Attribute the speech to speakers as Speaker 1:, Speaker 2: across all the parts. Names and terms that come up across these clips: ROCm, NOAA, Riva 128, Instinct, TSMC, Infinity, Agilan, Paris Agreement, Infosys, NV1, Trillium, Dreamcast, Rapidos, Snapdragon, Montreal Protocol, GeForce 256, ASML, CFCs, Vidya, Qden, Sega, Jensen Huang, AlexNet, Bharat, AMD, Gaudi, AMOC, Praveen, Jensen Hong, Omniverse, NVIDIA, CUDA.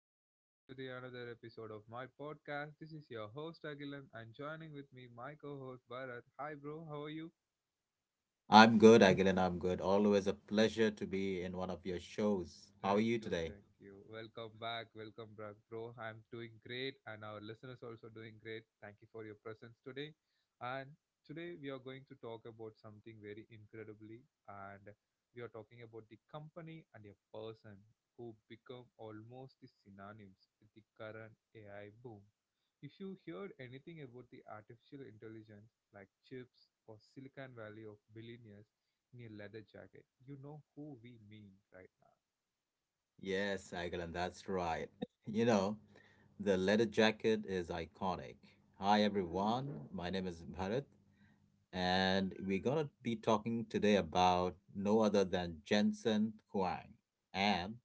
Speaker 1: welcome back to the another episode of my podcast. This is your host Agilan and joining with me my co-host Bharat. Hi bro, how are you?
Speaker 2: I'm good, Agilan. I'm good. Always a pleasure to be in one of your shows. How are
Speaker 1: Thank
Speaker 2: you
Speaker 1: you,
Speaker 2: today?
Speaker 1: thank you. Welcome back, bro. I'm doing great, and our listeners also doing great. Thank you for your presence today. And today we are going to talk about something very incredibly, and we are talking about the company and a person who become almost the synonyms with the current AI boom. If you heard anything about the artificial intelligence, like chips or Silicon Valley of billionaires in a leather jacket, you know who we mean right now.
Speaker 2: Yes, Agilan, that's right. You know, the leather jacket is iconic. Hi, everyone. My name is Bharat, and we're going to be talking today about no other than Jensen Huang and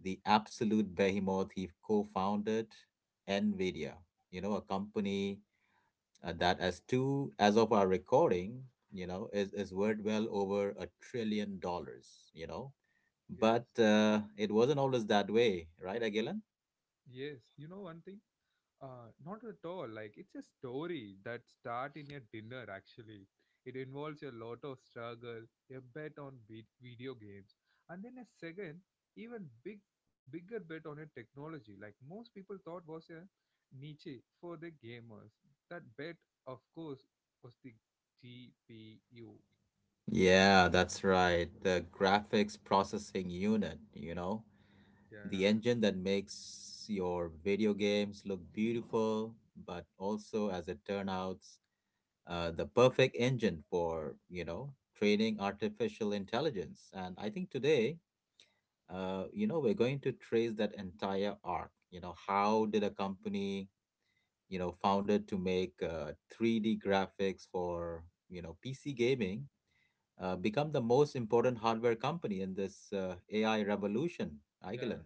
Speaker 2: the absolute behemoth he co founded, NVIDIA, you know, a company that as two as of our recording is worth well over $1 trillion
Speaker 1: Yes,
Speaker 2: but it wasn't always that way, right, agilan?
Speaker 1: yes. You know one thing? Not at all. Like it's a story that start in a dinner. Actually, it involves a lot of struggle, a bet on video games, and then a second, even big, bigger bet on a technology. Like most people thought was a niche for the gamers. That bet, of course, was the GPU.
Speaker 2: Yeah, that's right, the graphics processing unit, you know, the
Speaker 1: Yeah,
Speaker 2: engine that makes your video games look beautiful, but also, as it turns out, the perfect engine for, you know, training artificial intelligence. And I think today, you know, we're going to trace that entire arc. You know, how did a company, you know, founded to make 3D graphics for, you know, PC gaming become the most important hardware company in this AI revolution,
Speaker 1: yeah.
Speaker 2: Aigilin?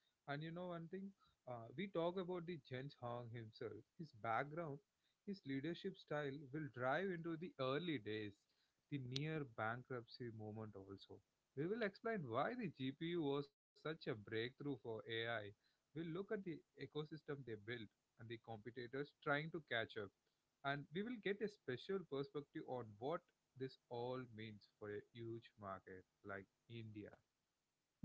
Speaker 1: And you know one thing? We talk about the Jens Hong himself. His background, his leadership style will drive into the early days, the near bankruptcy moment also. We will explain why the GPU was such a breakthrough for AI. We'll look at the ecosystem they built and the competitors trying to catch up. And we will get a special perspective on what this all means for a huge market like India.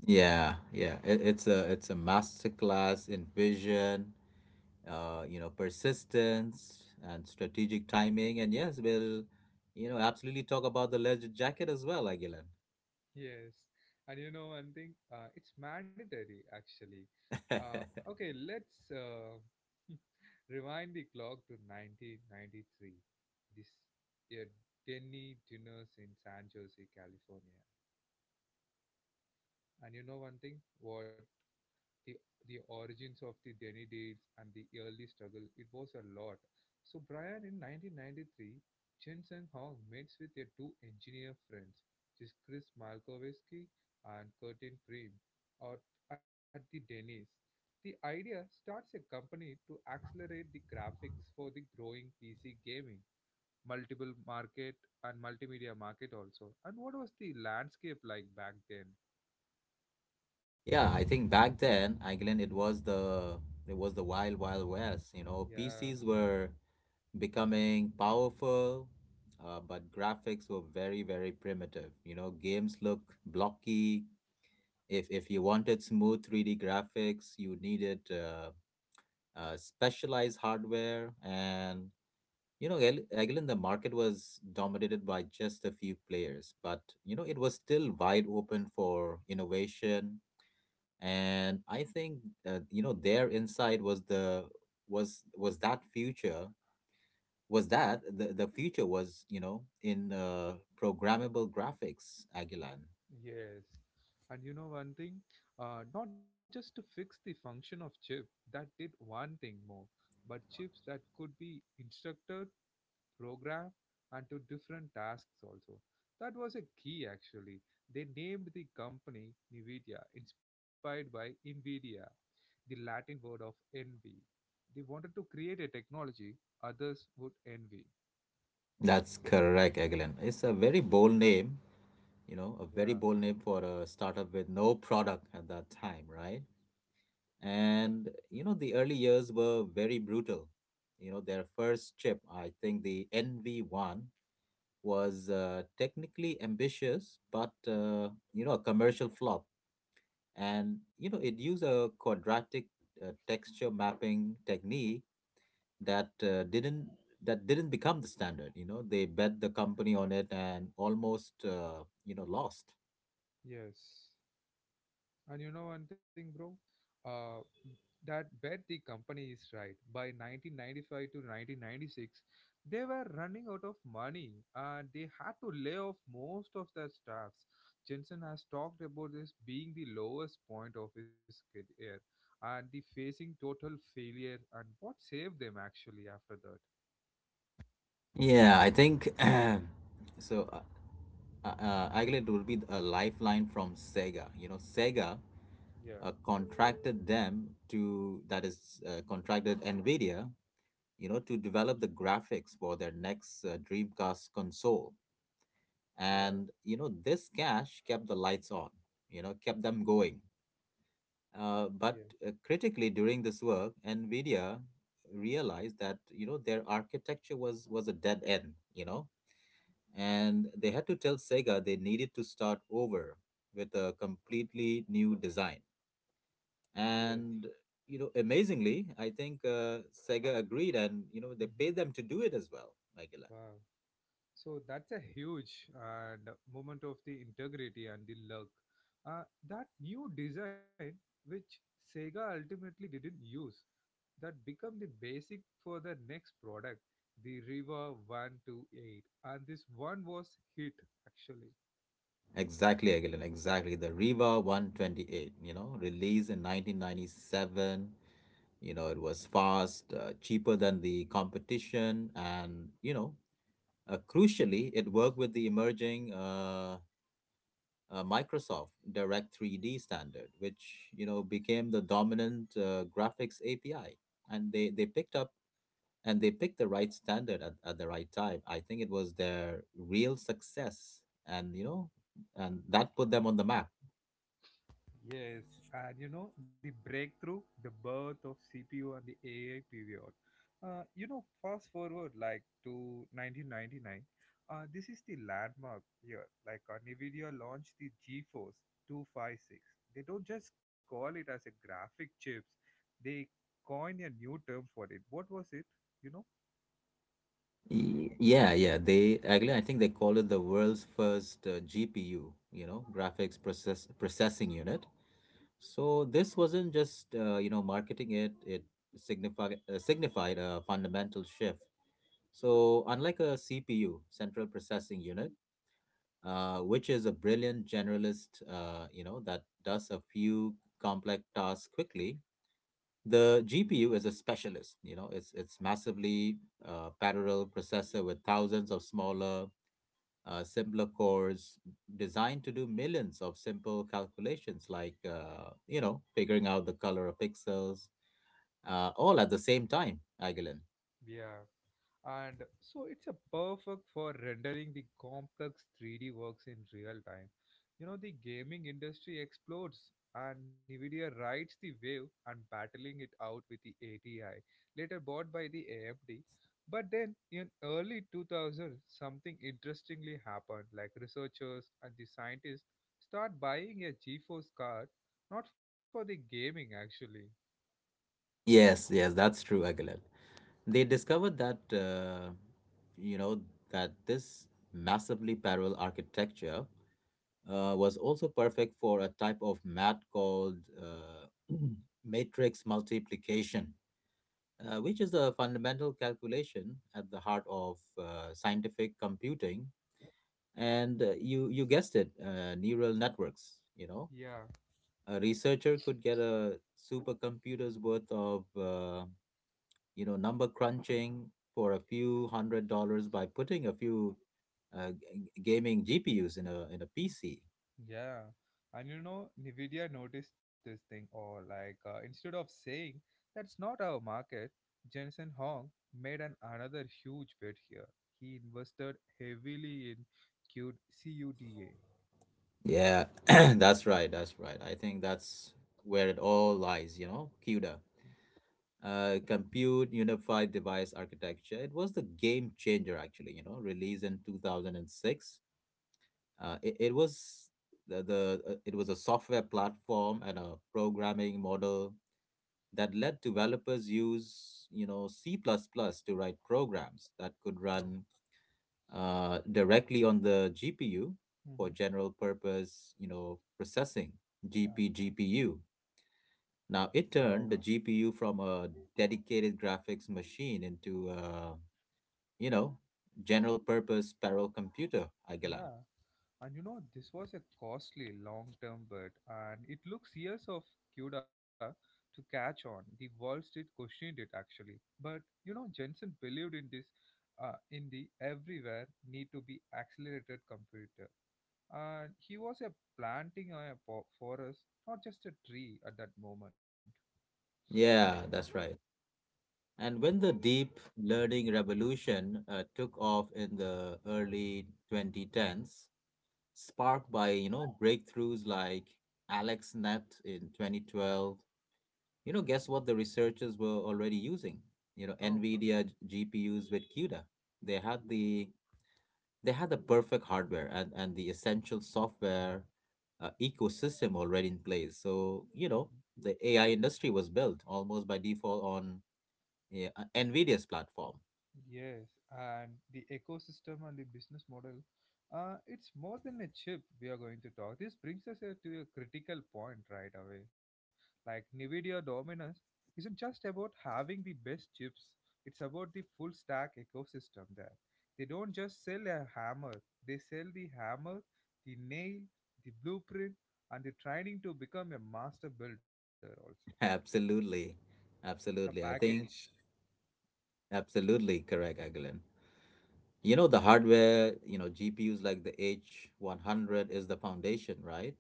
Speaker 2: Yeah, yeah. It's a masterclass in vision, you know, persistence and strategic timing. And yes, we'll, you know, absolutely talk about the leather jacket as well, Aguilan.
Speaker 1: Yes, and you know one thing, it's mandatory actually. Uh, okay, let's rewind the clock to 1993. This year, Denny dinners in San Jose, California. And you know one thing, what the the origins of the Denny deals and the early struggle, it was a lot. So Brian in 1993, Chen Sang Hong meets with their two engineer friends, which is Chris Malkowski and Curtin Prim, or at the Denny's. The idea starts a company to accelerate the graphics for the growing PC gaming, multiple market and multimedia market also. And what was the landscape like back then?
Speaker 2: Yeah, I think back then, England, it was the wild, wild west. You know,
Speaker 1: Yeah.
Speaker 2: PCs were becoming powerful, but graphics were very, very primitive. You know, games look blocky. If you wanted smooth 3D graphics, you needed specialized hardware. And you know, England, the market was dominated by just a few players, but you know, it was still wide open for innovation. And I think you know, their insight was the was that future was that the future was, you know, in programmable graphics, aguilan.
Speaker 1: Yes. And you know one thing, not just to fix the function of chip that did one thing more, but chips that could be instructed, programmed, and to different tasks also. That was a key actually. They named the company NVIDIA, inspired by Nvidia, the Latin word of envy. They wanted to create a technology others would envy.
Speaker 2: That's correct, aguilan. It's a very bold name, you know, a very
Speaker 1: Yeah.
Speaker 2: bold name for a startup with no product at that time, right? And you know, the early years were very brutal. You know, their first chip, I think the nv1, was technically ambitious, but you know, a commercial flop. And you know, it used a quadratic texture mapping technique that uh, didn't that didn't become the standard. You know, they bet the company on it and almost you know, lost.
Speaker 1: Yes. And you know one thing, bro? Uh, that bet the company is right. By 1995 to 1996, they were running out of money and they had to lay off most of their staffs. Jensen has talked about this being the lowest point of his career and the facing total failure and what saved them actually after that.
Speaker 2: Yeah, I think so. Aglet will be a lifeline from Sega. You know, Sega
Speaker 1: Yeah,
Speaker 2: contracted them to, that is contracted Nvidia, you know, to develop the graphics for their next Dreamcast console.
Speaker 1: yeah,
Speaker 2: And, you know, this cash kept the lights on, you know, kept them going.
Speaker 1: yeah,
Speaker 2: But critically, during this work, NVIDIA realized that, you know, their architecture was a dead end, you know, and they had to tell Sega they needed to start over with a completely new design.
Speaker 1: yes.
Speaker 2: And, you know, amazingly, I think Sega agreed and, you know, they
Speaker 1: Hmm.
Speaker 2: paid them to do it as well, Michaela.
Speaker 1: Wow. So that's a huge and moment of the integrity and the luck. That new design, which Sega ultimately didn't use, that become the basic for the next product, the Riva 128, and this one was hit actually.
Speaker 2: Exactly, Aguilar. Exactly. The Riva 128, you know, released in 1997. You know, it was fast, cheaper than the competition, and, you know, crucially, it worked with the emerging Microsoft Direct 3D standard, which, you know, became the dominant graphics API. And they picked up and they picked the right standard at the right time. I think it was their real success. And, you know, and that put them on the map.
Speaker 1: Yes, and you know, the breakthrough, the birth of CPU and the AI period. You know, fast forward like to 1999, this is the landmark year. Like NVIDIA launched the GeForce 256. They don't just call it as a graphic chips, they coined a new term for it. What was it? You know?
Speaker 2: Yeah, yeah. They actually, I think they call it the world's first GPU, you know, graphics processing unit. So this wasn't just you know, marketing it; it signified a fundamental shift. So unlike a CPU, central processing unit, which is a brilliant generalist, you know, that does a few complex tasks quickly. The GPU is a specialist, you know, it's massively parallel processor with thousands of smaller simpler cores designed to do millions of simple calculations like, you know, figuring out the color of pixels, all at the same time, Agilin.
Speaker 1: Yeah. And so it's a perfect for rendering the complex 3D works in real time. You know, the gaming industry explodes and Nvidia rides the wave and battling it out with the ATI, later bought by the AMD. But then in early 2000, something interestingly happened like researchers and the scientists start buying a GeForce card not for the gaming actually.
Speaker 2: Yes, yes, that's true, Agilin. They discovered that you know, that this massively parallel architecture was also perfect for a type of math called matrix multiplication, which is a fundamental calculation at the heart of scientific computing. And you guessed it, neural networks. You know,
Speaker 1: Yeah.
Speaker 2: a researcher could get a supercomputer's worth of you know, number crunching for a few $100 by putting a few gaming GPUs in a PC.
Speaker 1: Yeah, and you know, Nvidia noticed this thing, or like instead of saying that's not our market, Jensen Hong made an another huge bet here. He invested heavily in Q- CUDA.
Speaker 2: Yeah, that's right. That's right. I think that's where it all lies. You know, CUDA. Compute unified device architecture. It was the game changer, actually. You know, released in 2006. It was the it was a software platform and a programming model that let developers use, you know, C plus plus to write programs that could
Speaker 1: Oh.
Speaker 2: run directly on the GPU for
Speaker 1: Mm-hmm.
Speaker 2: general purpose, you know, processing, G
Speaker 1: Yeah.
Speaker 2: P G P U. Now it
Speaker 1: Oh.
Speaker 2: turned the GPU from a dedicated graphics machine into a, you know, general purpose parallel computer, Aguilan.
Speaker 1: Yeah. And you know, this was a costly long term bet, and it looks years of Cuda to catch on. The Wall Street questioned it actually. But you know, Jensen believed in this, in the everywhere need to be accelerated computer. And he was a forest, not just a tree at that moment.
Speaker 2: Yeah, that's right. And when the deep learning revolution took off in the early 2010s, sparked by, you know, breakthroughs like AlexNet in 2012. You know, guess what the researchers were already using? You know,
Speaker 1: Oh.
Speaker 2: NVIDIA GPUs with CUDA. They had the they had the perfect hardware and the essential software ecosystem already in place. So, you know, the AI industry was built almost by default on, yeah, NVIDIA's platform.
Speaker 1: Yes, and the ecosystem and the business model, it's more than a chip we are going to talk. This brings us to a critical point right away. Like NVIDIA dominance isn't just about having the best chips, it's about the full stack ecosystem there. They don't just sell a hammer, they sell the hammer, the nail, the blueprint, and the training to become a master builder also.
Speaker 2: Absolutely.
Speaker 1: It's a
Speaker 2: Absolutely. I
Speaker 1: package.
Speaker 2: think absolutely correct, Aguilin. You know, the hardware, you know, GPUs like the H100 is the foundation, right?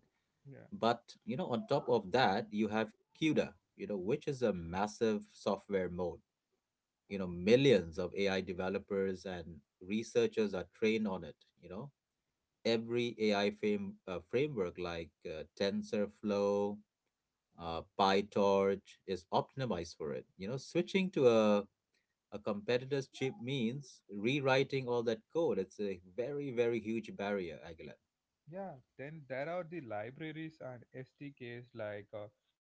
Speaker 2: But you know, on top of that, you have CUDA, you know, which is a massive software mode. You know, millions of AI developers and researchers are trained on it. You know, every framework like TensorFlow, PyTorch is optimized for it. You know, switching to a competitor's chip means rewriting all that code. It's a very, very huge barrier, Aguilar.
Speaker 1: Yeah, then there are the libraries and SDKs like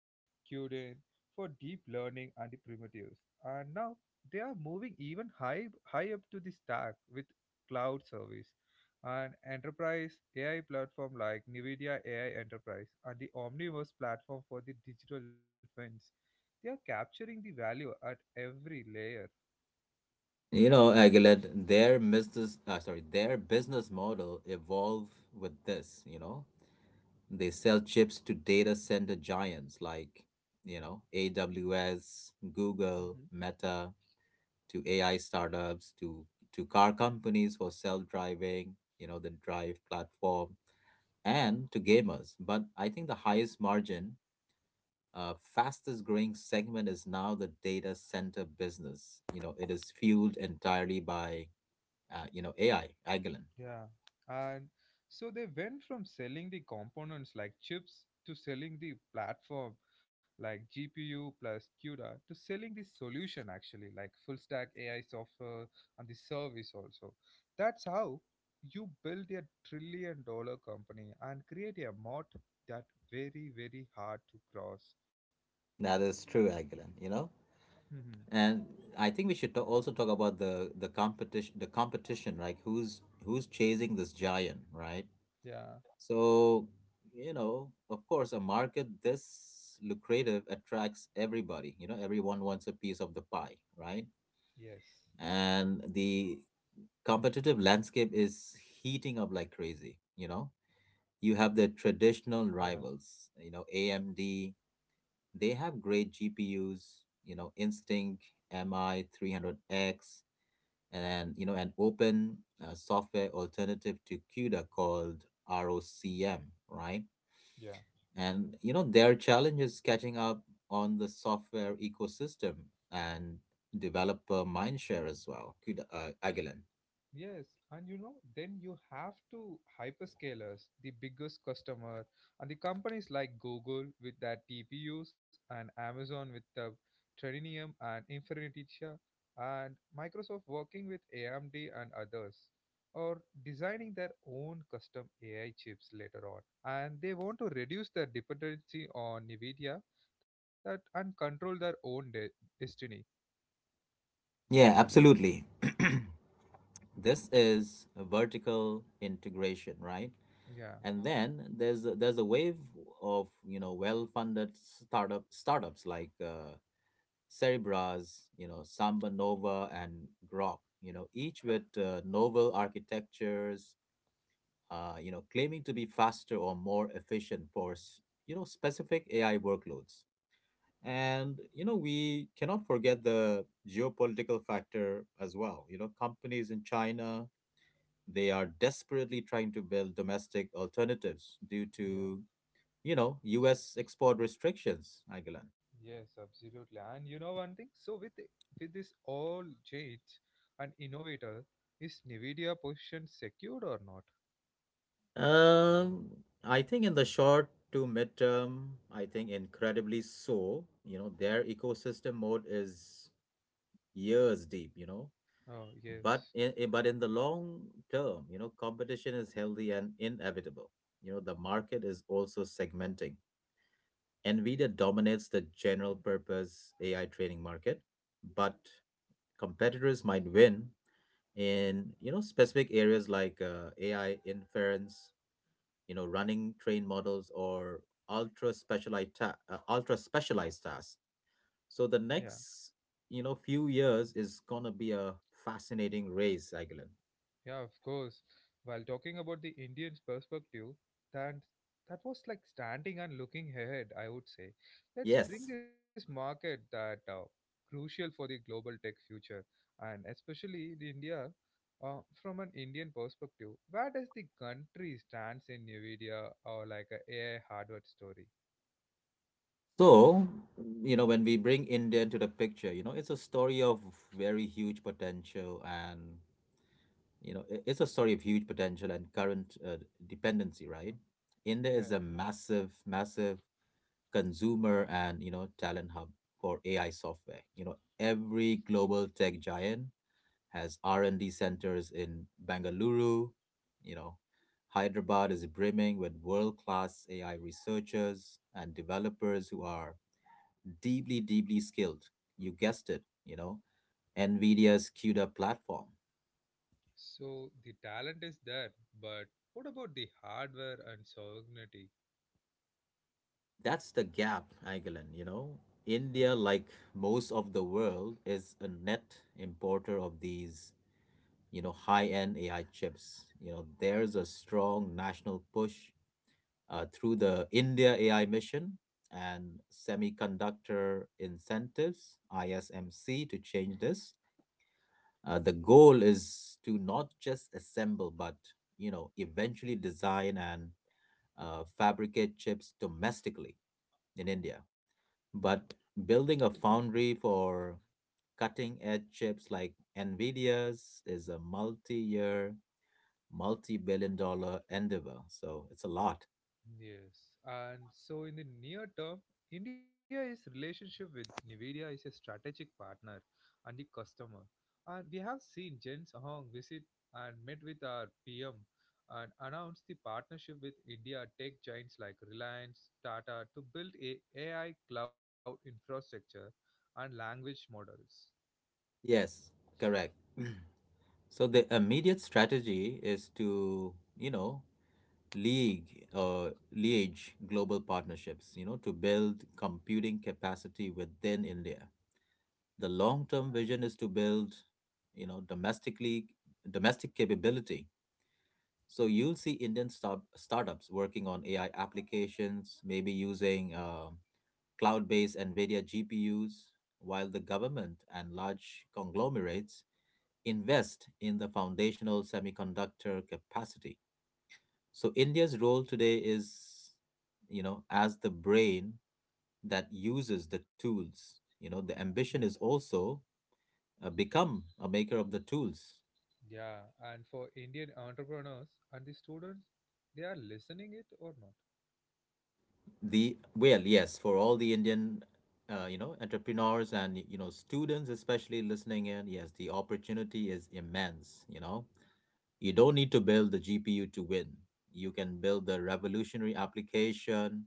Speaker 1: Qden for deep learning and the primitives. And now they are moving even high high up to the stack with cloud service and enterprise AI platform like NVIDIA AI Enterprise and the Omniverse platform for the digital twins. They are capturing the value at every layer.
Speaker 2: You know, Aguilet, their sorry, their business model evolved with this, you know. They sell chips to data center giants like, you know, AWS, Google, Meta, to AI startups, to car companies for self-driving, you know, the Drive platform, and to gamers. But I think the highest margin, fastest growing segment is now the data center business. You know, it is fueled entirely by you know, AI, Agilent.
Speaker 1: Yeah, and so they went from selling the components like chips to selling the platform like GPU plus CUDA to selling the solution actually like full stack AI software and the service also. That's how you build a $1 trillion company and create a moat that very very hard to cross.
Speaker 2: That is true, Agilent, you know.
Speaker 1: Hmm.
Speaker 2: And I think we should also talk about the competition, like who's chasing this giant, right?
Speaker 1: Yeah.
Speaker 2: So, you know, of course, a market this lucrative attracts everybody. You know, everyone wants a piece of the pie, right?
Speaker 1: Yes.
Speaker 2: And the competitive landscape is heating up like crazy, you know. You have the traditional
Speaker 1: Yeah.
Speaker 2: rivals, you know, AMD. They have great GPUs, you know, Instinct, MI 300X, and you know, an open software alternative to CUDA called ROCm, right?
Speaker 1: Yeah.
Speaker 2: And you know, their challenge is catching up on the software ecosystem and developer mindshare as well. CUDA, Agilent.
Speaker 1: Yes, and you know, then you have to hyperscalers, the biggest customer, and the companies like Google with their TPUs and Amazon with the Trillium and Infinity and Microsoft working with AMD and others or designing their own custom AI chips later on. And they want to reduce their dependency on NVIDIA that and control their own destiny.
Speaker 2: Yeah, absolutely. This is a vertical integration, right?
Speaker 1: Yeah.
Speaker 2: And then there's a wave of, you know, well-funded startups like Cerebras, you know, Samba Nova and Grok, you know, each with novel architectures, you know, claiming to be faster or more efficient for you know, specific AI workloads. And you know, we cannot forget the geopolitical factor as well. You know, companies in China, they are desperately trying to build domestic alternatives due to, you know, US export restrictions, Agilan?
Speaker 1: Yes, absolutely. And you know one thing? With this all change and innovator, is Nvidia position secured or not?
Speaker 2: Um, I think in the short to midterm, I think incredibly so. You know, their ecosystem mode is years deep, you know.
Speaker 1: Oh
Speaker 2: But
Speaker 1: yes.
Speaker 2: in the long term, you know, competition is healthy and inevitable. You know, the market is also segmenting. NVIDIA dominates the general purpose AI training market, but competitors might win in, you know, specific areas like AI inference, you know, running train models, or ultra specialized tasks. So
Speaker 1: Yeah.
Speaker 2: the next, you know, few years is gonna be a fascinating race, Aguilin.
Speaker 1: Yeah, of course. While talking about the Indian's perspective, that that was like standing and looking ahead, I would say. Let's bring
Speaker 2: Yes.
Speaker 1: this market that crucial for the global tech future and especially in India from an Indian perspective. Where does the country stands in NVIDIA or like a AI hardware story?
Speaker 2: So you know, when we bring India into the picture, you know, it's a story of very huge potential and it's a story of huge potential and current dependency, right? India is
Speaker 1: Yeah.
Speaker 2: a massive, massive consumer and, you know, talent hub for AI software. You know, every global tech giant has R&D centers in Bengaluru, you know, Hyderabad is brimming with world-class AI researchers and developers who are deeply deeply skilled. You guessed it, you know, Nvidia's CUDA platform.
Speaker 1: So the talent is there, but what about the hardware and sovereignty?
Speaker 2: That's the gap, Aguilan, you know.
Speaker 1: Yeah.
Speaker 2: India, like most of the world, is a net importer of these, you know, high-end AI chips. You know, there's a strong national push through the India AI mission and semiconductor incentives, ISMC, to change this. The goal is to not just assemble, but you know, eventually design and fabricate chips domestically in India. But building a foundry for cutting edge chips like NVIDIA's is a multi year multi-billion-dollar endeavor. So it's a lot.
Speaker 1: Yes, and so in the near term, India's relationship with NVIDIA is a strategic partner and the customer. And we have seen Jens Hong visit and met with our PM and announced the partnership with India tech giants like Reliance, Tata to build a AI cloud infrastructure and language models.
Speaker 2: Yes, correct. So the immediate strategy is to, you know, league liege global partnerships, you know, to build computing capacity within India. The long-term vision is to build, you know, domestic capability. So you'll see Indian startups working on AI applications, maybe using cloud based NVIDIA GPUs, while the government and large conglomerates invest in the foundational semiconductor capacity. So India's role today is, you know, as the brain that uses the tools. You know, the
Speaker 1: Yeah,
Speaker 2: ambition is also become a maker of the tools.
Speaker 1: yeah. And for Indian entrepreneurs and the students, they are listening it or not?
Speaker 2: The well, yes, for all the Indian, you know, entrepreneurs and you know students, especially listening in, yes, the opportunity is immense. You know, you don't need to build the GPU to win. You can build the revolutionary application,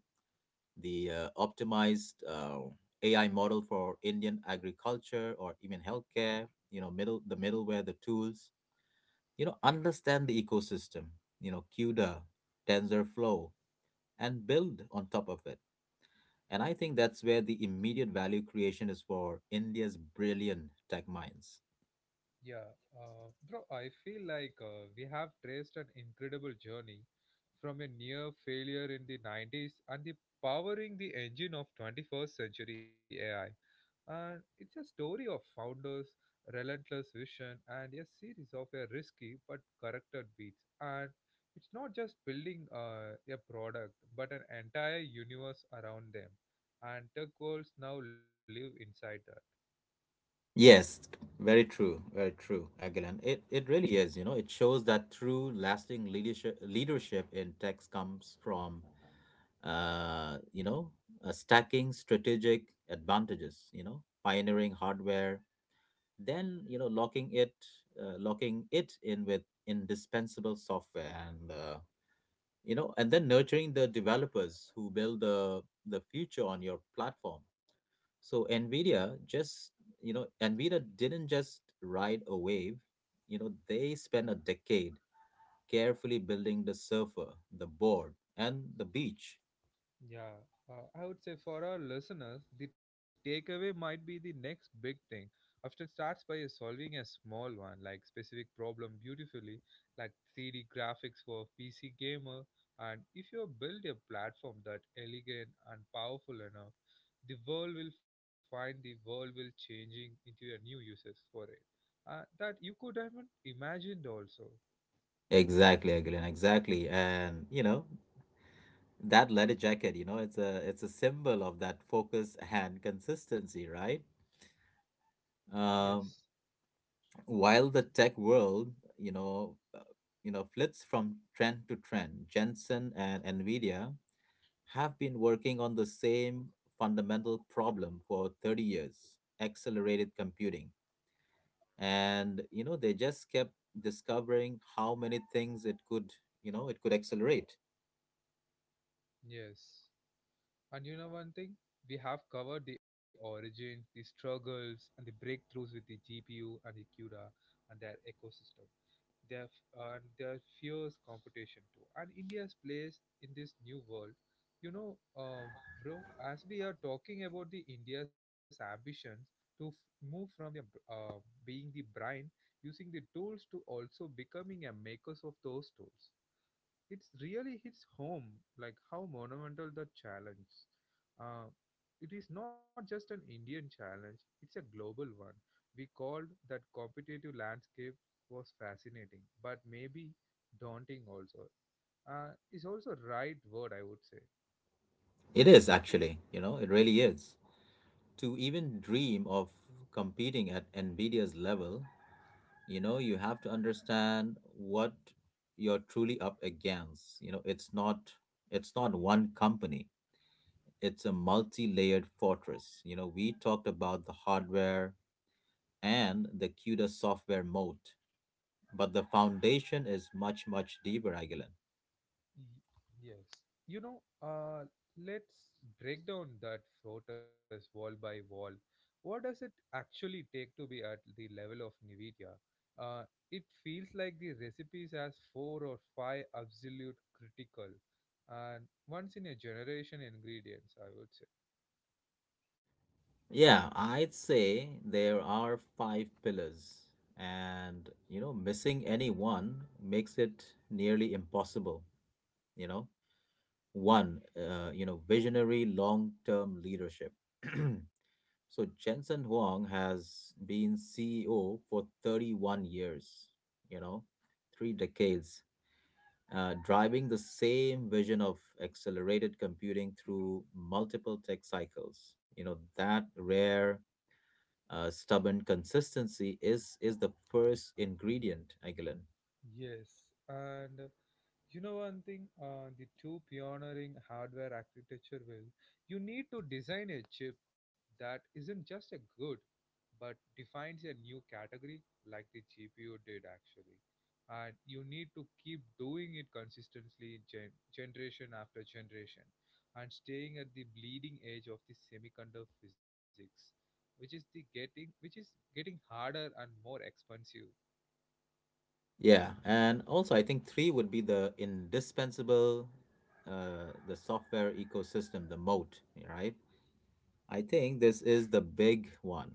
Speaker 2: the optimized AI model for Indian agriculture or even healthcare. You know, middleware, the tools. You know, understand the ecosystem. You know, CUDA, TensorFlow, and build on top of it. And I think that's where the immediate value creation is for India's brilliant tech minds.
Speaker 1: Yeah, bro, I feel like we have traced an incredible journey from a near failure in the 90s and the powering the engine of 21st century AI. And it's a story of founders, relentless vision, and a series of a risky but corrected beats. And it's not just building a product, but an entire universe around them. And tech worlds now live inside them.
Speaker 2: Yes, very true, Agilan. It really is, you know, it shows that true lasting leadership in tech comes from you know, stacking strategic advantages, you know, pioneering hardware, then, you know, locking it in with indispensable software and, you know, and then nurturing the developers who build the future on your platform. So NVIDIA just, NVIDIA didn't just ride a wave, you know, they spent a decade carefully building the surfer, the board, and the beach.
Speaker 1: Yeah, I would say for our listeners, the takeaway might be the next big thing. Often starts by a solving a small one, like specific problem beautifully, like 3D graphics for PC gamer. And if you build a platform that elegant and powerful enough, the world will find the world will changing into a new uses for it that you could haven't imagined also.
Speaker 2: Exactly, Aguilin, exactly. And you know, that leather jacket, you know, it's a symbol of that focus and consistency, right?
Speaker 1: Yes,
Speaker 2: Um, while the tech world, you know, uh, you know, flits from trend to trend, Jensen and Nvidia have been working on the same fundamental problem for 30 years, accelerated computing. And you know, they just kept discovering how many things it could accelerate.
Speaker 1: yes. And you know one thing? We have covered the origin, the struggles, and the breakthroughs with the GPU and the CUDA and their ecosystem. Their and their fierce competition too, and India's place in this new world. You know, bro, as we are talking about the India's ambitions to f- move from the uh, being the brain using the tools to also becoming a makers of those tools, it really hits home like how monumental the challenge uh, it is. Not just an indian challenge, it's a global one. We called that competitive landscape was fascinating but maybe daunting also is also right word I would say.
Speaker 2: It is actually, you know, it really is. To even dream of competing at Nvidia's level, you know, you have to understand what you're truly up against. You know, it's not one company. It's a multi-layered fortress. You know, we talked about the hardware and the CUDA software moat, but the foundation is much much deeper, Agilan.
Speaker 1: Y- Yes. You know, let's break down that protest wall by wall. What does it actually take to be at the level of NVIDIA? Uh, it feels like the recipes has four or five absolute critical and once in a generation ingredients, I would say.
Speaker 2: Yeah, I'd say there are five pillars, and you know, missing any one makes it nearly impossible. You know, one, you know, visionary long-term leadership. So Jensen Huang has been CEO for 31 years, you know, three decades, driving the same vision of accelerated computing through multiple tech cycles. You know, that rare stubborn consistency is the first ingredient, Agilan.
Speaker 1: Yes. And you know one thing, the two pioneering hardware architecture will, you need to design a chip that isn't just a good, but defines a new category like the GPU did actually. And you need to keep doing it consistently, generation after generation, and staying at the bleeding edge of the semiconductor physics, which is the getting, which is getting harder and more expensive.
Speaker 2: Yeah, and also I think three would be the indispensable, the software ecosystem, the moat, right? I think this is the big one.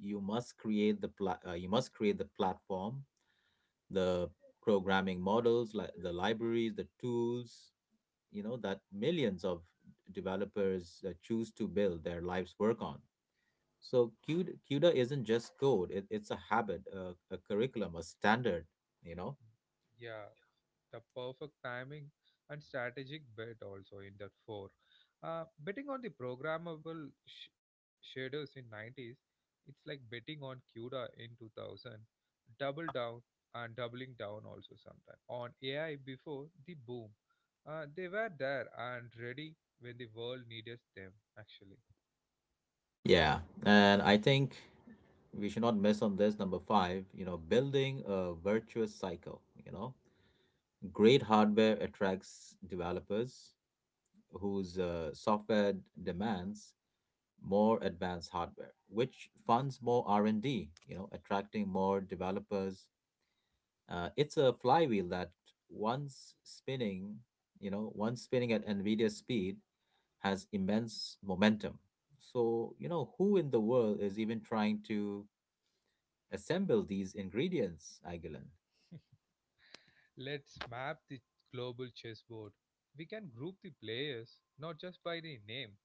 Speaker 2: You must create the platform, the programming models, like the libraries, the tools, you know, that millions of developers choose to build their lives work on. So CUDA, CUDA isn't just code; it, it's a habit, a curriculum, a standard. You know.
Speaker 1: Yeah, the perfect timing and strategic bet also in that four. Betting on the programmable shaders in 90s, it's like betting on CUDA in 2000, double down and doubling down also sometime on AI before the boom. They were there and ready when the world needed them actually.
Speaker 2: Yeah, and I think we should not miss on this number five. You know, building a virtuous cycle. You know, great hardware attracts developers whose software demands more advanced hardware, which funds more R and D. You know, attracting more developers. It's a flywheel that once spinning once spinning at nvidia speed has immense momentum. So, you know, who in the world is even trying to assemble these ingredients, Aguilan?
Speaker 1: Let's map the global chessboard. We can group the players not just by the name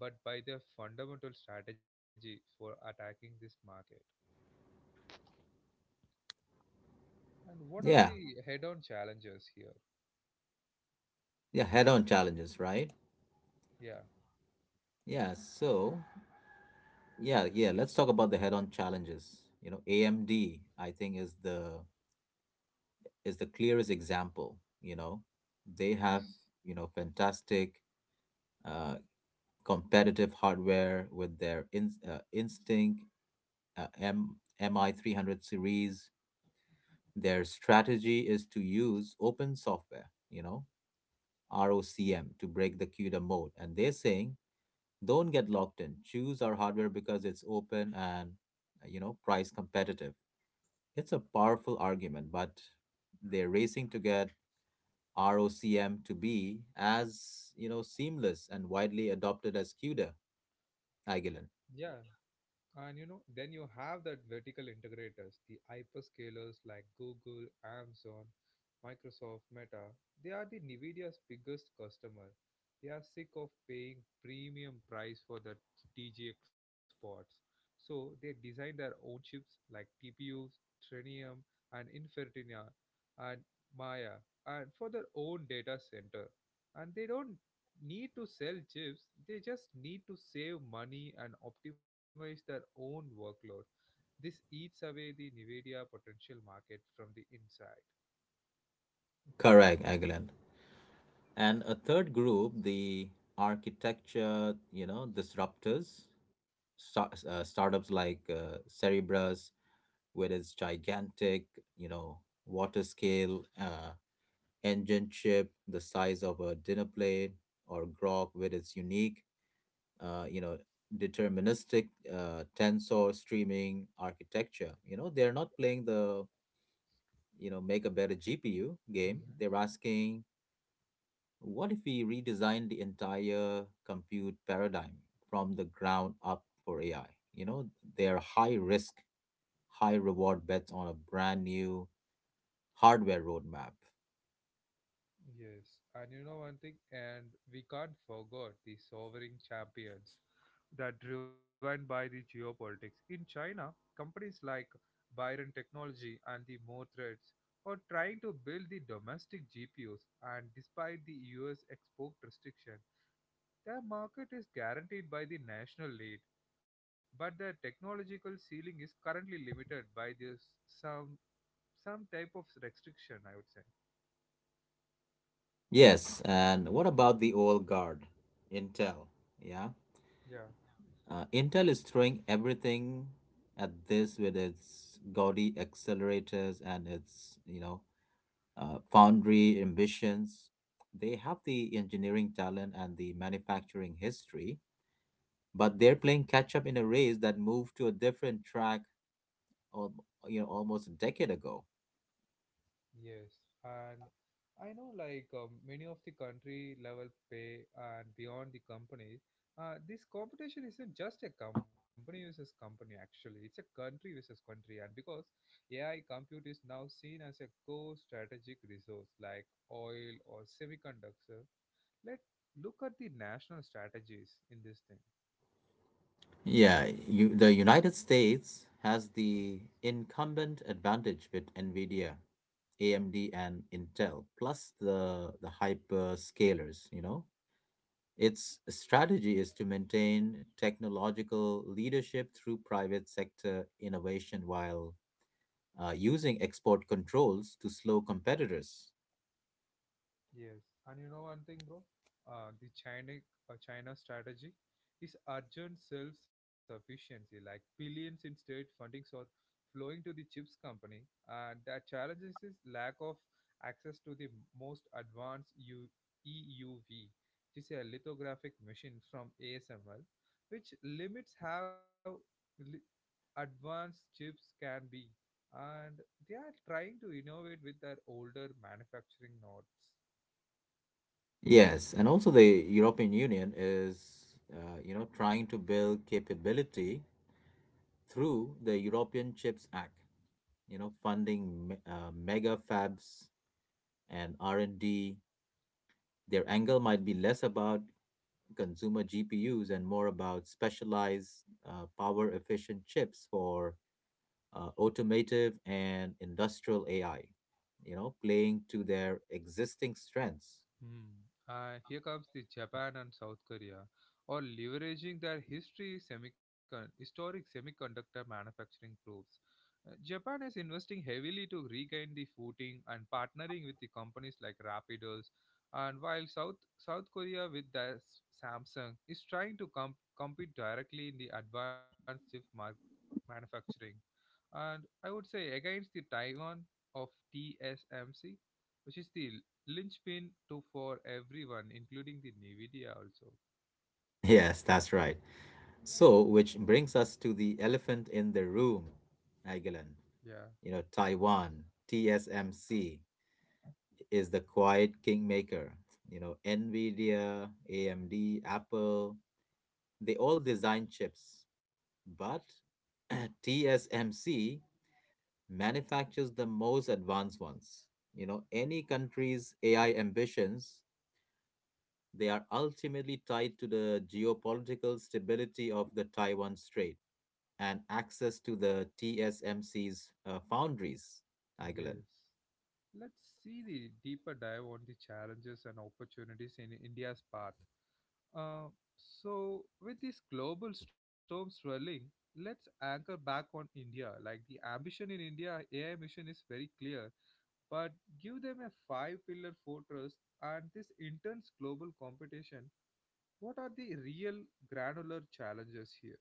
Speaker 1: but by their fundamental strategy for attacking this market. And what are
Speaker 2: Yeah,
Speaker 1: the head on challenges here?
Speaker 2: yeah, head on challenges, right?
Speaker 1: Yeah,
Speaker 2: Yeah, so, yeah, let's talk about the head on challenges. You know, AMD, I think, is the clearest example. You know, they
Speaker 1: yes.
Speaker 2: have, you know, fantastic uh, competitive hardware with their Instinct MI300 series. Their strategy is to use open software, you know, ROCM, to break the CUDA mode. And they're saying, don't get locked in. Choose our hardware because it's open and, you know, price competitive. It's a powerful argument, but they're racing to get ROCM to be as, you know, seamless and widely adopted as CUDA, Agilent.
Speaker 1: Yeah, and you know, then you have that vertical integrators, the hyperscalers like Google, Amazon, Microsoft, Meta. They are the Nvidia's biggest customer. They are sick of paying premium price for the DGX ports, so they design their own chips like TPUs, Trinium, and Infertinia and Maya and for their own data center. And they don't need to sell chips, they just need to save money and optimize their own workload. This eats away the NVIDIA potential market from the inside.
Speaker 2: Correct, Agilent. And a third group, the architecture, you know, disruptors, startups like Cerebrus with its gigantic, you know, water scale engine chip the size of a dinner plate, or Grok with its unique, you know, deterministic tensor streaming architecture. You know, they're not playing the, you know, make a better GPU game.
Speaker 1: Hmm.
Speaker 2: They're asking, what if we redesign the entire compute paradigm from the ground up for AI? You know, they're high risk high reward bets on a brand new hardware roadmap.
Speaker 1: Yes, and you know one thing, and we can't forget the sovereign champions that driven by the geopolitics. In China, companies like Byron Technology and the More Threads are trying to build the domestic GPUs, and despite the US export restriction, their market is guaranteed by the national lead, but their technological ceiling is currently limited by this some type of restriction, I would say.
Speaker 2: Yes, and what about the old guard, Intel? Yeah,
Speaker 1: Yeah,
Speaker 2: Intel is throwing everything at this with its gaudy accelerators and its you know foundry ambitions. They have the engineering talent and the manufacturing history, but they're playing catch up in a race that moved to a different track, al- almost a decade ago.
Speaker 1: yes. And I know like many of the country level pay and beyond the companies, this competition isn't just a company versus company actually, it's a country versus country. And because AI compute is now seen as a core strategic resource like oil or semiconductor, let look at the national strategies in this thing.
Speaker 2: Yeah, you, the United States has the incumbent advantage with NVIDIA, AMD, and Intel, plus the hyperscalers, you know. Its strategy is to maintain technological leadership through private sector innovation while using export controls to slow competitors.
Speaker 1: Yes, and you know one thing, bro. The China strategy is urgent self-sufficiency, like billions in state fundings are flowing to the chips company, and the challenges is lack of access to the most advanced EUV, which is a lithographic machine from ASML, which limits how li- advanced chips can be, and they are trying to innovate with their older manufacturing nodes.
Speaker 2: Yes, and also the European Union is, you know, trying to build capability through the European Chips Act you know, funding mega fabs and R&D, their angle might be less about consumer GPUs and more about specialized power efficient chips for automotive and industrial AI, you know, playing to their existing strengths.
Speaker 1: Hmm. Here comes the Japan and South Korea, or leveraging their history, historic semiconductor manufacturing proofs. Japan is investing heavily to regain the footing and partnering with the companies like Rapidos, and while South Korea with their Samsung is trying to compete directly in the advanced manufacturing and I would say against the Taiwan of TSMC, which is the linchpin to for everyone, including the NVIDIA also.
Speaker 2: Yes, that's right. So, which brings us to the elephant in the room, Nagilan.
Speaker 1: Yeah,
Speaker 2: You know, Taiwan, TSMC. Is the quiet kingmaker. You know, Nvidia, AMD, Apple, they all design chips, but TSMC manufactures the most advanced ones. You know, any country's AI ambitions, they are ultimately tied to the geopolitical stability of the Taiwan Strait and access to the TSMC's foundries, Aguilar.
Speaker 1: yes. Let's see the deeper dive on the challenges and opportunities in India's path. Uh, so, with this global storm swirling, let's anchor back on India. Like the ambition in India AI mission is very clear but give them a 5 pillar fortress and this intense global competition. What are the real granular challenges here?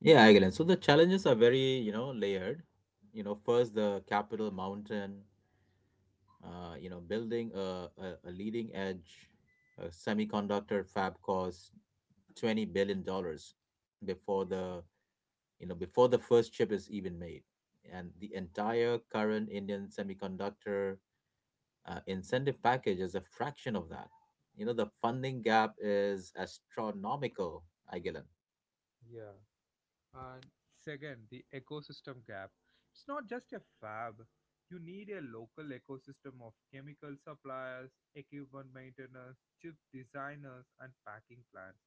Speaker 2: Yeah, I get it. So the challenges are very, you know, layered. You know, first the capital mountain, you know, building a leading edge a semiconductor fab costs $20 billion before the before the first chip is even made, and the entire current Indian semiconductor incentive package is a fraction of that. You know, the funding gap is astronomical, Aguilan.
Speaker 1: Yeah. And second, the ecosystem gap. It's not just a fab. You need a local ecosystem of chemical suppliers, equipment maintainers, chip designers, and packing plants.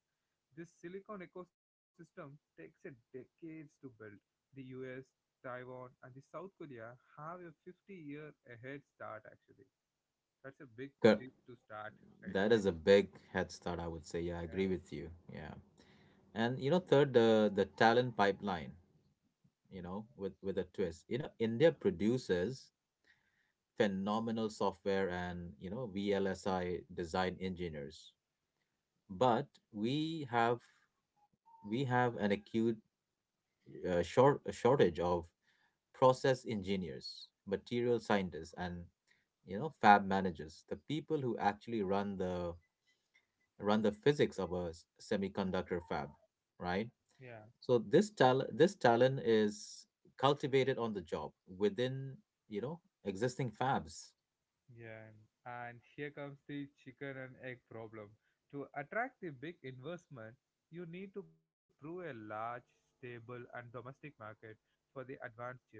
Speaker 1: This silicon ecosystem takes a decades to build. The US, Taiwan, and the South Korea have a 50 year ahead start actually. That's a big
Speaker 2: Cor-
Speaker 1: thing to start right
Speaker 2: That
Speaker 1: away.
Speaker 2: is a big head start, I would say. Yeah, I agree with you. Yeah. And you know, third, the talent pipeline, you know, with a twist. You know, India produces phenomenal software and you know VLSI design engineers, but we have an acute shortage of process engineers, material scientists, and you know fab managers, the people who actually run the physics of a semiconductor fab, right?
Speaker 1: Yeah.
Speaker 2: So this talent is cultivated on the job within you know existing fabs.
Speaker 1: Yeah, and here comes the chicken and egg problem. To attract the big investment, you need to prove a large, stable, and domestic market for the advanced chips.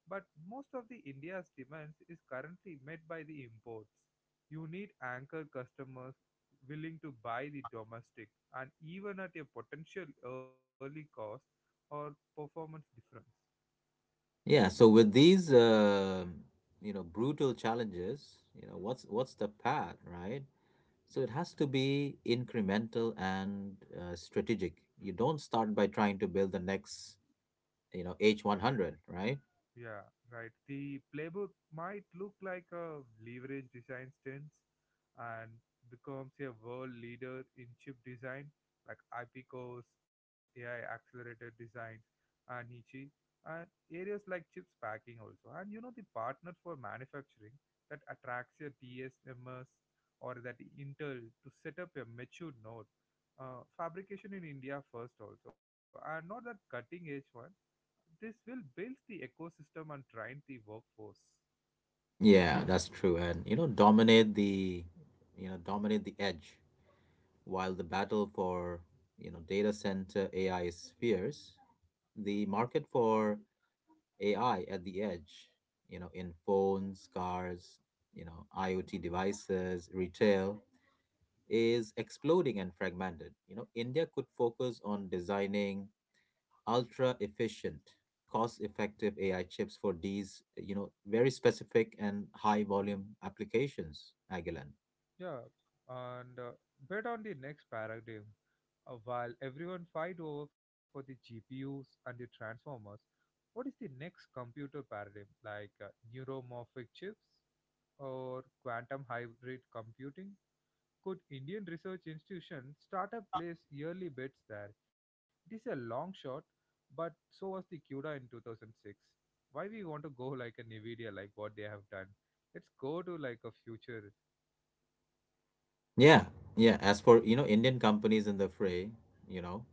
Speaker 1: But most of the India's demands is currently met by the imports. You need anchor customers willing to buy the domestic and even at a potential early cost or performance difference.
Speaker 2: Yeah, so with these you know brutal challenges, you know what's the path, right? So it has to be incremental and strategic. You don't start by trying to build the next, you know, H100, right?
Speaker 1: Yeah, right. The playbook might look like a leverage design stance and becomes a world leader in chip design like IP cores, AI accelerated designs, and Niche, and areas like chips packing also. And you know, the partner for manufacturing that attracts a DSMS or that Intel to set up a mature node. Fabrication in India first also, and not that cutting edge one, this will build the ecosystem and train the workforce.
Speaker 2: Yeah, that's true. And you know, dominate the edge while the battle for, you know, data center AI is fierce. The market for AI at the edge, you know, in phones, cars, you know, IoT devices, retail is exploding and fragmented. You know, India could focus on designing ultra efficient, cost effective AI chips for these, you know, very specific and high volume applications, Agilan.
Speaker 1: Yeah, and bet on the next paradigm. While everyone fight over for the GPUs and the transformers, what is the next computer paradigm? Like neuromorphic chips or quantum hybrid computing? Could Indian research institutions start up place yearly bets there? It is a long shot, but so was the CUDA in 2006. Why we want to go like a NVIDIA, like what they have done? Let's go to like a future.
Speaker 2: Yeah, yeah. As for, you know, Indian companies in the fray, you know,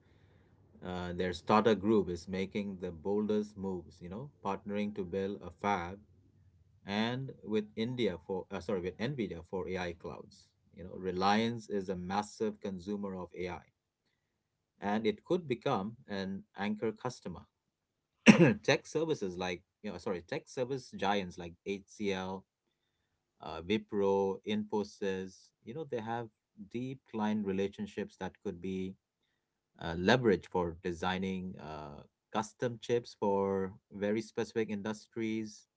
Speaker 2: their startup group is making the boldest moves, you know, partnering to build a fab and with India for sorry with Nvidia for AI clouds. You know, Reliance is a massive consumer of AI, and it could become an anchor customer. Tech service giants like HCL, Wipro, Infosys. You know, they have deep client relationships that could be leveraged for designing custom chips for very specific industries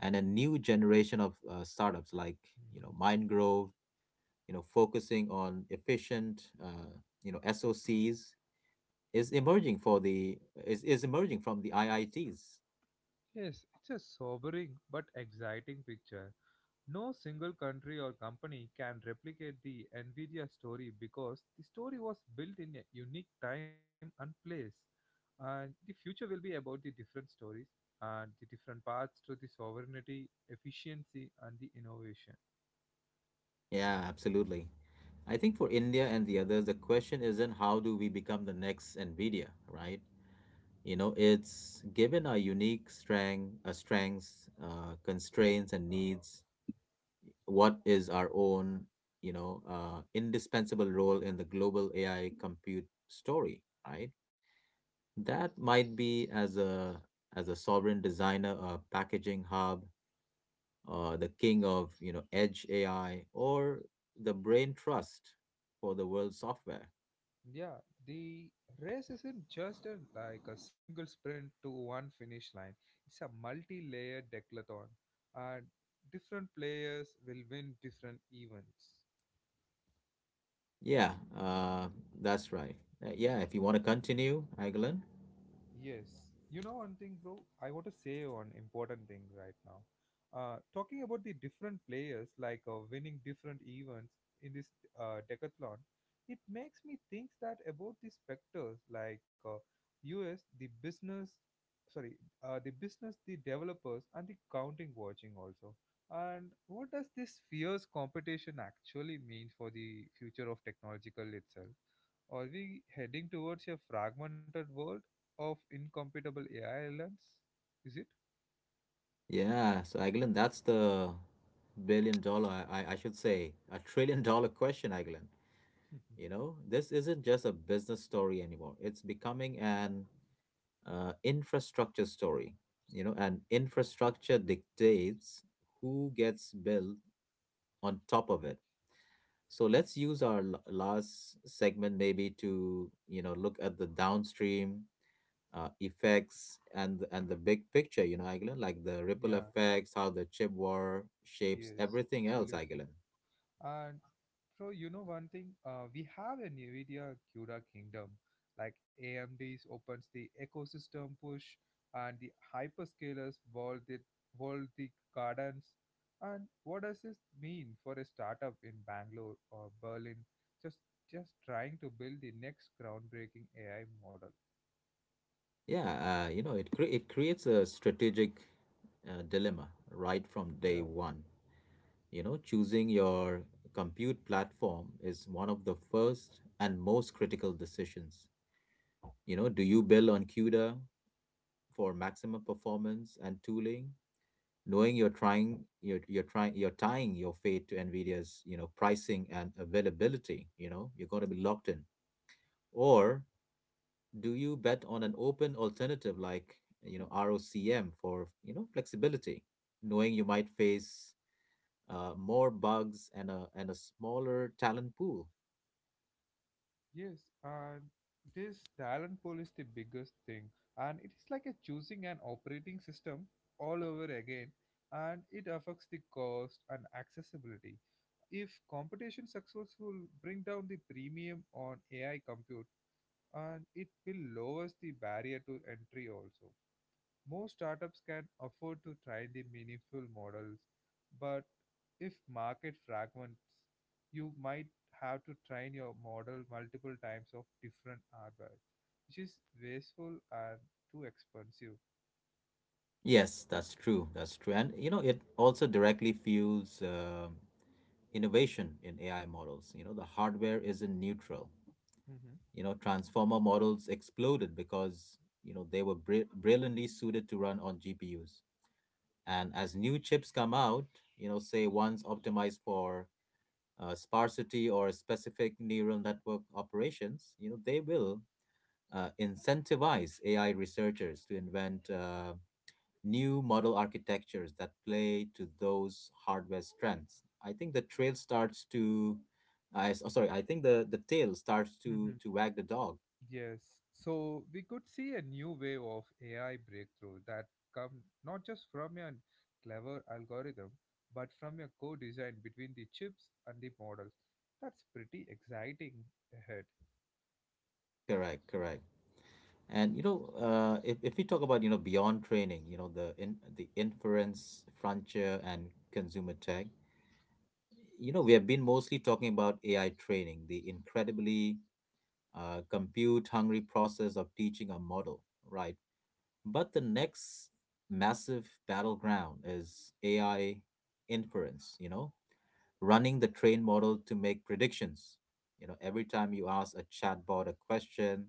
Speaker 2: and a new generation of startups like you know
Speaker 1: Mhm.
Speaker 2: MindGrove, you know, focusing on efficient you know SOCs is emerging for the is emerging from the IITs.
Speaker 1: Yes, it's a sobering but exciting picture. No single country or company can replicate the Nvidia story because the story was built in a unique time and place. And the future will be about the different stories and the different paths to the sovereignty, efficiency, and the innovation.
Speaker 2: Yeah, absolutely. I think for India and the others, the question isn't how do we become the next Nvidia, right? You know, it's given our unique strengths, constraints, and needs. What is our own, indispensable role in the global AI compute story, right? That might be as a sovereign designer, a packaging hub, the king of edge AI, or the brain trust for the world software.
Speaker 1: Yeah, the race isn't just a, like a single sprint to one finish line. It's a multi-layered decathlon, and different players will win different events.
Speaker 2: Yeah, uh, that's right. Yeah, if you want to continue, Aguilin.
Speaker 1: Yes. You know one thing, bro? I want to say one important thing right now. Talking about the different players, like winning different events in this decathlon, it makes me think that about the specters, like uh, US, the business, sorry, uh, the business, the developers, and the counting watching also. And what does this fierce competition actually mean for the future of technological itself? Are we heading towards a fragmented world of incompatible AI islands? Is it?
Speaker 2: Yeah, so Aguilin, that's the billion-dollar, I should say, a trillion-dollar question, Aguilin. You know, this isn't just a business story anymore. It's becoming an infrastructure story. You know, and infrastructure dictates who gets built on top of it. So let's use our last segment maybe to, you know, look at the downstream effects and the big picture, you know, Agilan, like the ripple
Speaker 1: Yeah,
Speaker 2: effects, how the chip war shapes
Speaker 1: yes,
Speaker 2: everything else,
Speaker 1: absolutely.
Speaker 2: Agilan.
Speaker 1: And so you know one thing, we have a NVIDIA Cura kingdom. Like AMD's opens the ecosystem push, and the hyperscalers wall the gardens. And what does this mean for a startup in Bangalore or Berlin? Just just trying to build the next groundbreaking AI model.
Speaker 2: Yeah, you know, it creates a strategic dilemma right from
Speaker 1: Yeah,
Speaker 2: day one. You know, choosing your compute platform is one of the first and most critical decisions. You know, do you build on CUDA for maximum performance and tooling, knowing you're tying your fate to NVIDIA's pricing and availability. You know, you're going to be locked in. Or do you bet on an open alternative like ROCm for flexibility, knowing you might face more bugs and a smaller talent pool.
Speaker 1: yes, and this talent pool is the biggest thing, and it is like a choosing an operating system all over again, and it affects the cost and accessibility. If competition successful bring down the premium on AI compute, and it will lowers the barrier to entry also. Most startups can afford to try the meaningful models, but if market fragments, you might have to train your model multiple times of different hardware, which is wasteful and too expensive.
Speaker 2: Yes, that's true. That's true. And you know, it also directly fuels innovation in AI models. You know, the hardware isn't neutral.
Speaker 1: Hmm.
Speaker 2: You know, transformer models exploded because, you know, they were brilliantly suited to run on GPUs. And as new chips come out, you know, say ones optimized for sparsity or specific neural network operations, you know, they will incentivize AI researchers to invent new model architectures that play to those hardware strengths. I think the trail starts to, I s- oh, sorry, I think the tail starts to
Speaker 1: Mhm.
Speaker 2: to wag the dog.
Speaker 1: Yes. So we could see a new wave of AI breakthrough that come not just from a clever algorithm, but from a co-design between the chips and the models. That's pretty exciting ahead.
Speaker 2: Correct, correct. And you know, if we talk about beyond training, you know the in the inference frontier and consumer tech, you know we have been mostly talking about AI training, the incredibly compute hungry process of teaching a model, right? But the next massive battleground is AI inference, you know, running the train model to make predictions. You know, every time you ask a chatbot a question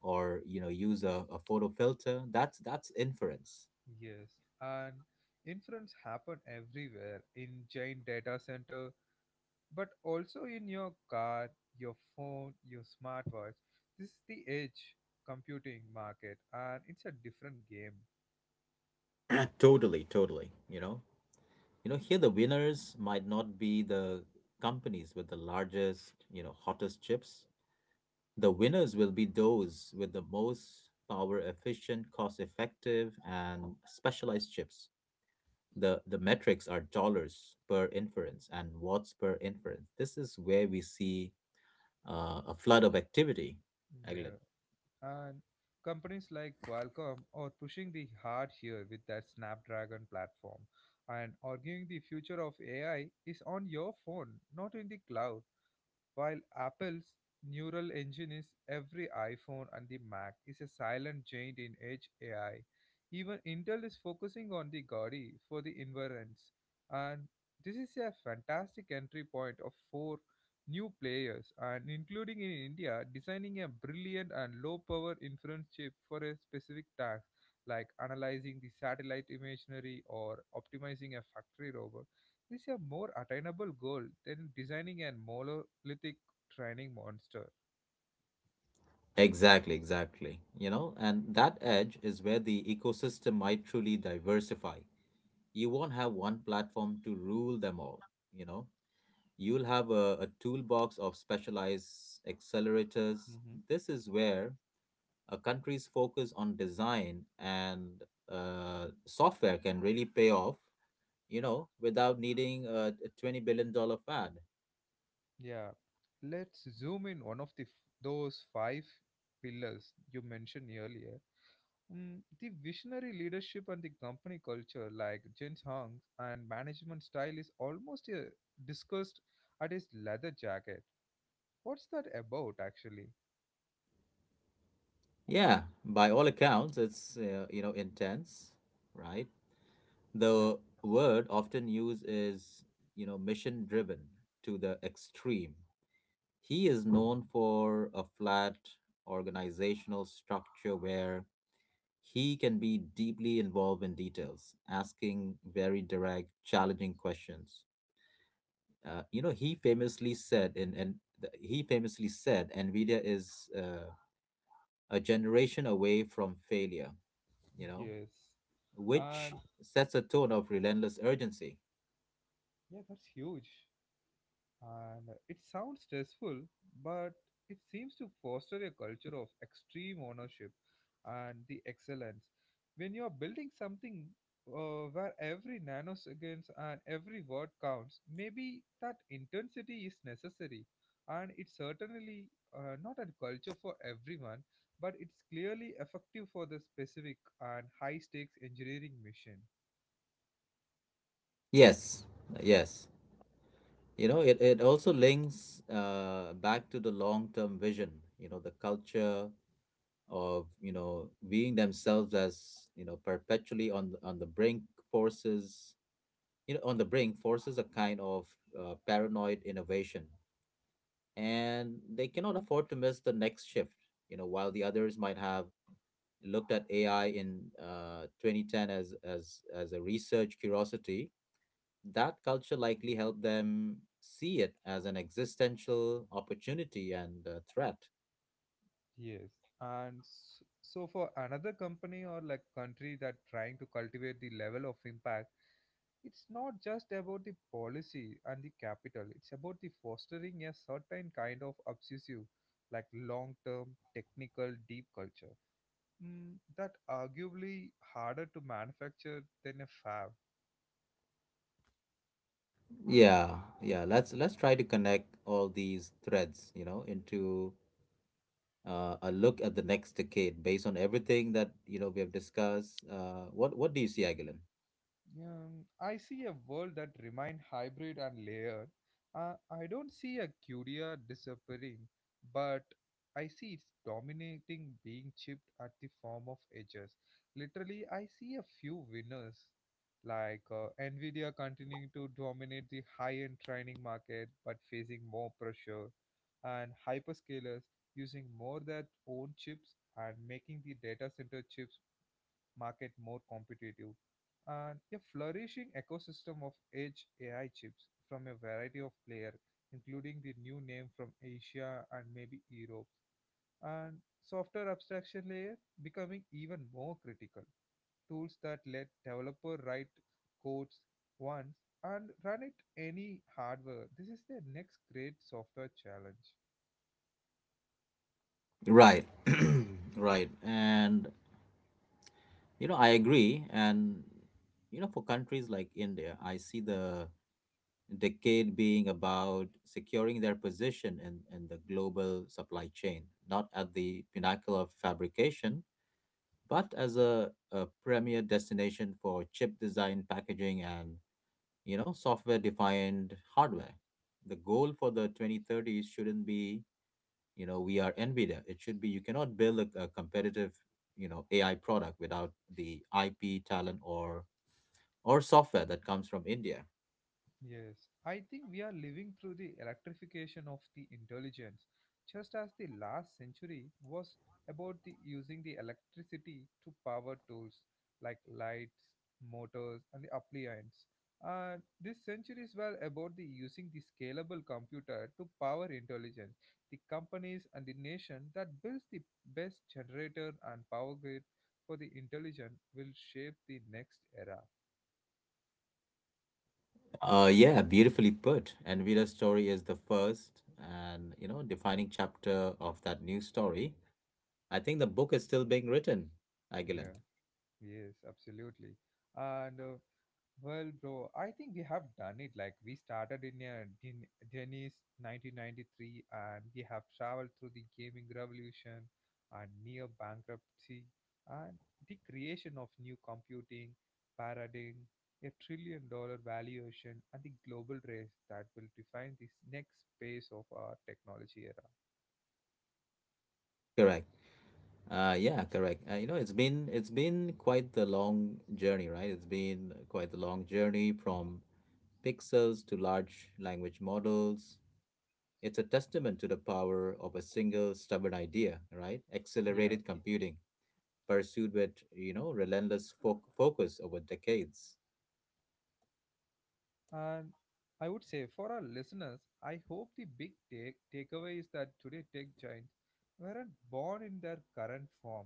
Speaker 2: or, you know, use a photo filter, that's inference.
Speaker 1: Yes, and inference happen everywhere in giant data center, but also in your car, your phone, your smartwatch. This is the edge computing market, and it's a different game.
Speaker 2: Totally, totally, you know. You know, here the winners might not be the companies with the largest, you know, hottest chips. The winners will be those with the most power efficient, cost effective, and specialized chips. The metrics are dollars per inference and watts per inference. This is where we see a flood of activity, Eglin.
Speaker 1: Yeah, and companies like Qualcomm are pushing the hard here with their Snapdragon platform, and arguing the future of AI is on your phone, not in the cloud. While Apple's neural engine is every iPhone and the Mac is a silent giant in edge AI, even Intel is focusing on the Gaudi for the inference. And this is a fantastic entry point of four new players, and including in India, designing a brilliant and low power inference chip for a specific task like analyzing the satellite imagery or optimizing a factory robot is a more attainable goal than designing a monolithic training monster.
Speaker 2: Exactly, exactly. You know, and that edge is where the ecosystem might truly diversify. You won't have one platform to rule them all, you know? You'll have a toolbox of specialized accelerators.
Speaker 1: Mm-hmm.
Speaker 2: This is where a country's focus on design and software can really pay off, you know, without needing a $20 billion dollar fad.
Speaker 1: Yeah, let's zoom in one of those five pillars you mentioned earlier. Mm, the visionary leadership and the company culture, like Jens Hong's and management style, is almost discussed at his leather jacket. What's that about, actually?
Speaker 2: Yeah, by all accounts, it's, you know, intense, right?
Speaker 1: Yeah.
Speaker 2: The word often used you know, mission driven to the extreme. He is known for a flat organizational structure where he can be deeply involved in details, asking very direct, challenging questions. You know, he famously said, Nvidia is a generation away from failure. You know,
Speaker 1: Yes,
Speaker 2: which
Speaker 1: and
Speaker 2: sets a tone of relentless urgency.
Speaker 1: yeah, that's huge. And it sounds stressful, but it seems to foster a culture of extreme ownership and the excellence. When you are building something where every nanoseconds and every word counts, maybe that intensity is necessary. And it's certainly not a culture for everyone, but it's clearly effective for the specific and high stakes engineering mission.
Speaker 2: Yes, yes. You know, it also links back to the long term vision, you know, the culture of viewing themselves as perpetually on on the brink forces forces a kind of paranoid innovation, and they cannot afford to miss the next shift. You know, while the others might have looked at ai in 2010 as a research curiosity, that culture likely helped them see it as an existential opportunity and a threat.
Speaker 1: Yes, and so for another company or like country that trying to cultivate the level of impact, it's not just about the policy and the capital. It's about the fostering a certain kind of obsessive, like long-term technical deep culture. Mm, that arguably harder to manufacture than a fab.
Speaker 2: Yeah, yeah. Let's try to connect all these threads, you know, into a look at the next decade based on everything that we have discussed. What do you see, Agilan?
Speaker 1: I see a world that remains hybrid and layered. I don't see a Curia disappearing, but I see its dominating being chipped at the form of edges. Literally, I see a few winners, like Nvidia continuing to dominate the high-end training market, but facing more pressure, and hyperscalers using more their own chips and making the data center chips market more competitive, and a flourishing ecosystem of edge AI chips from a variety of players, including the new name from Asia and maybe Europe. And software abstraction layer becoming even more critical. Tools that let developer write codes once and run it any hardware. This is the next great software challenge.
Speaker 2: Right, right. And you know, I agree. And you know, for countries like India, I see the decade being about securing their position in the global supply chain, not at the pinnacle of fabrication but as a premier destination for chip design, packaging, and software-defined hardware. The goal for the 2030s shouldn't be we are NVIDIA. It should be you cannot build a competitive AI product without the IP talent or software that comes from India.
Speaker 1: Yes, I think we are living through the electrification of the intelligence, just as the last century was about the using the electricity to power tools like lights, motors, and the appliances. This century is well about the using the scalable computer to power intelligence, the companies and the nation that builds the best generator and power grid for the intelligent will shape the next era.
Speaker 2: Yeah, beautifully put. NVIDIA's story is the first and defining chapter of that new story. I think the book is still being written, Aguilan.
Speaker 1: Yeah. Yes, absolutely. And well, bro, I think we have done it. Like we started in Dennis 1993, and we have traveled through the gaming revolution and near bankruptcy and the creation of new computing paradigm, a $1 trillion valuation, and the global race that will define this next phase of our technology era.
Speaker 2: Correct. Yeah, correct. You know, it's been quite the long journey, right? It's been quite the long journey from pixels to large language models. It's a testament to the power of a single stubborn idea, right?
Speaker 1: Yeah.
Speaker 2: Accelerated computing, pursued with, you know, relentless focus over decades.
Speaker 1: And I would say for our listeners, I hope the big takeaway is that today tech giants weren't born in their current form.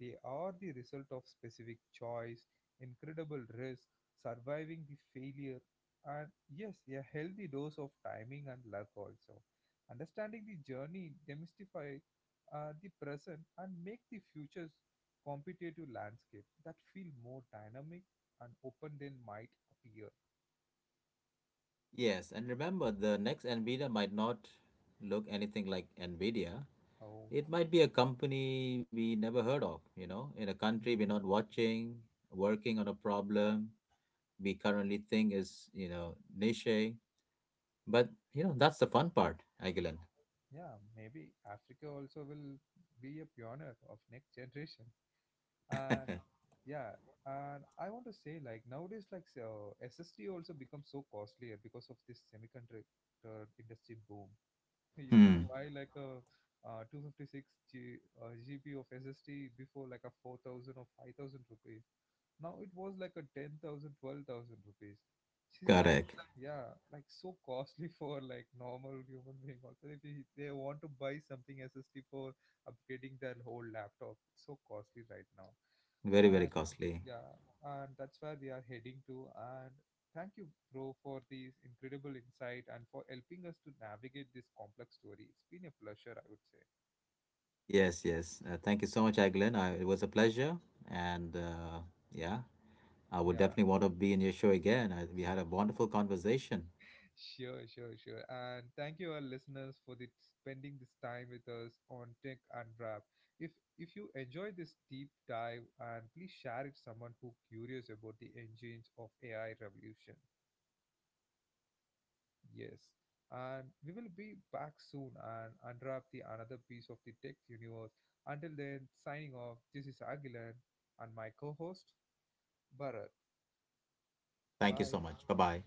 Speaker 1: They are the result of specific choice, incredible risk, surviving the failure, and yes, a healthy dose of timing and luck also. Understanding the journey demystify the present and make the future's competitive landscape that feel more dynamic and open than might appear.
Speaker 2: Yes, and remember, the next NVIDIA might not look anything like NVIDIA.
Speaker 1: Oh.
Speaker 2: It might be a company we never heard of, you know, in a country we're
Speaker 1: Mhm.
Speaker 2: not watching, working on a problem we currently think is, you know, niche. But, you know, that's the fun part, Agilan.
Speaker 1: Yeah, maybe Africa also will be a pioneer of next generation. And yeah, and I want to say like nowadays like so SSD also becomes so costlier because of this semiconductor industry boom. If you
Speaker 2: Hmm.
Speaker 1: buy like a 256 G, GB of SSD before like a 4,000 or 5,000 rupees, now it was like a 10,000 12,000 rupees. She's like,
Speaker 2: Correct.
Speaker 1: yeah, like so costly for like normal human being. Also, if they want to buy something SSD for upgrading their whole laptop, it's so costly right now.
Speaker 2: Very, very
Speaker 1: Uh,
Speaker 2: costly.
Speaker 1: yeah, and that's where we are heading to. And thank you, bro, for this incredible insight and for helping us to navigate this complex story. It's been a pleasure, I would say.
Speaker 2: Yes, yes. Thank you so much, Agilan. It was a pleasure. And yeah, I would
Speaker 1: Yeah,
Speaker 2: definitely want to be in your show again. We had a wonderful conversation.
Speaker 1: sure. And thank you, our listeners, for the, spending this time with us on Tech Unwrap. If if you enjoy this deep dive, and please share it with someone who curious about the engines of AI revolution. Yes. And we will be back soon and unwrap the another piece of the tech universe. Until then, signing off. This is Agilan and my co-host Bharat.
Speaker 2: Thank you so
Speaker 1: Bye.
Speaker 2: much. Bye bye.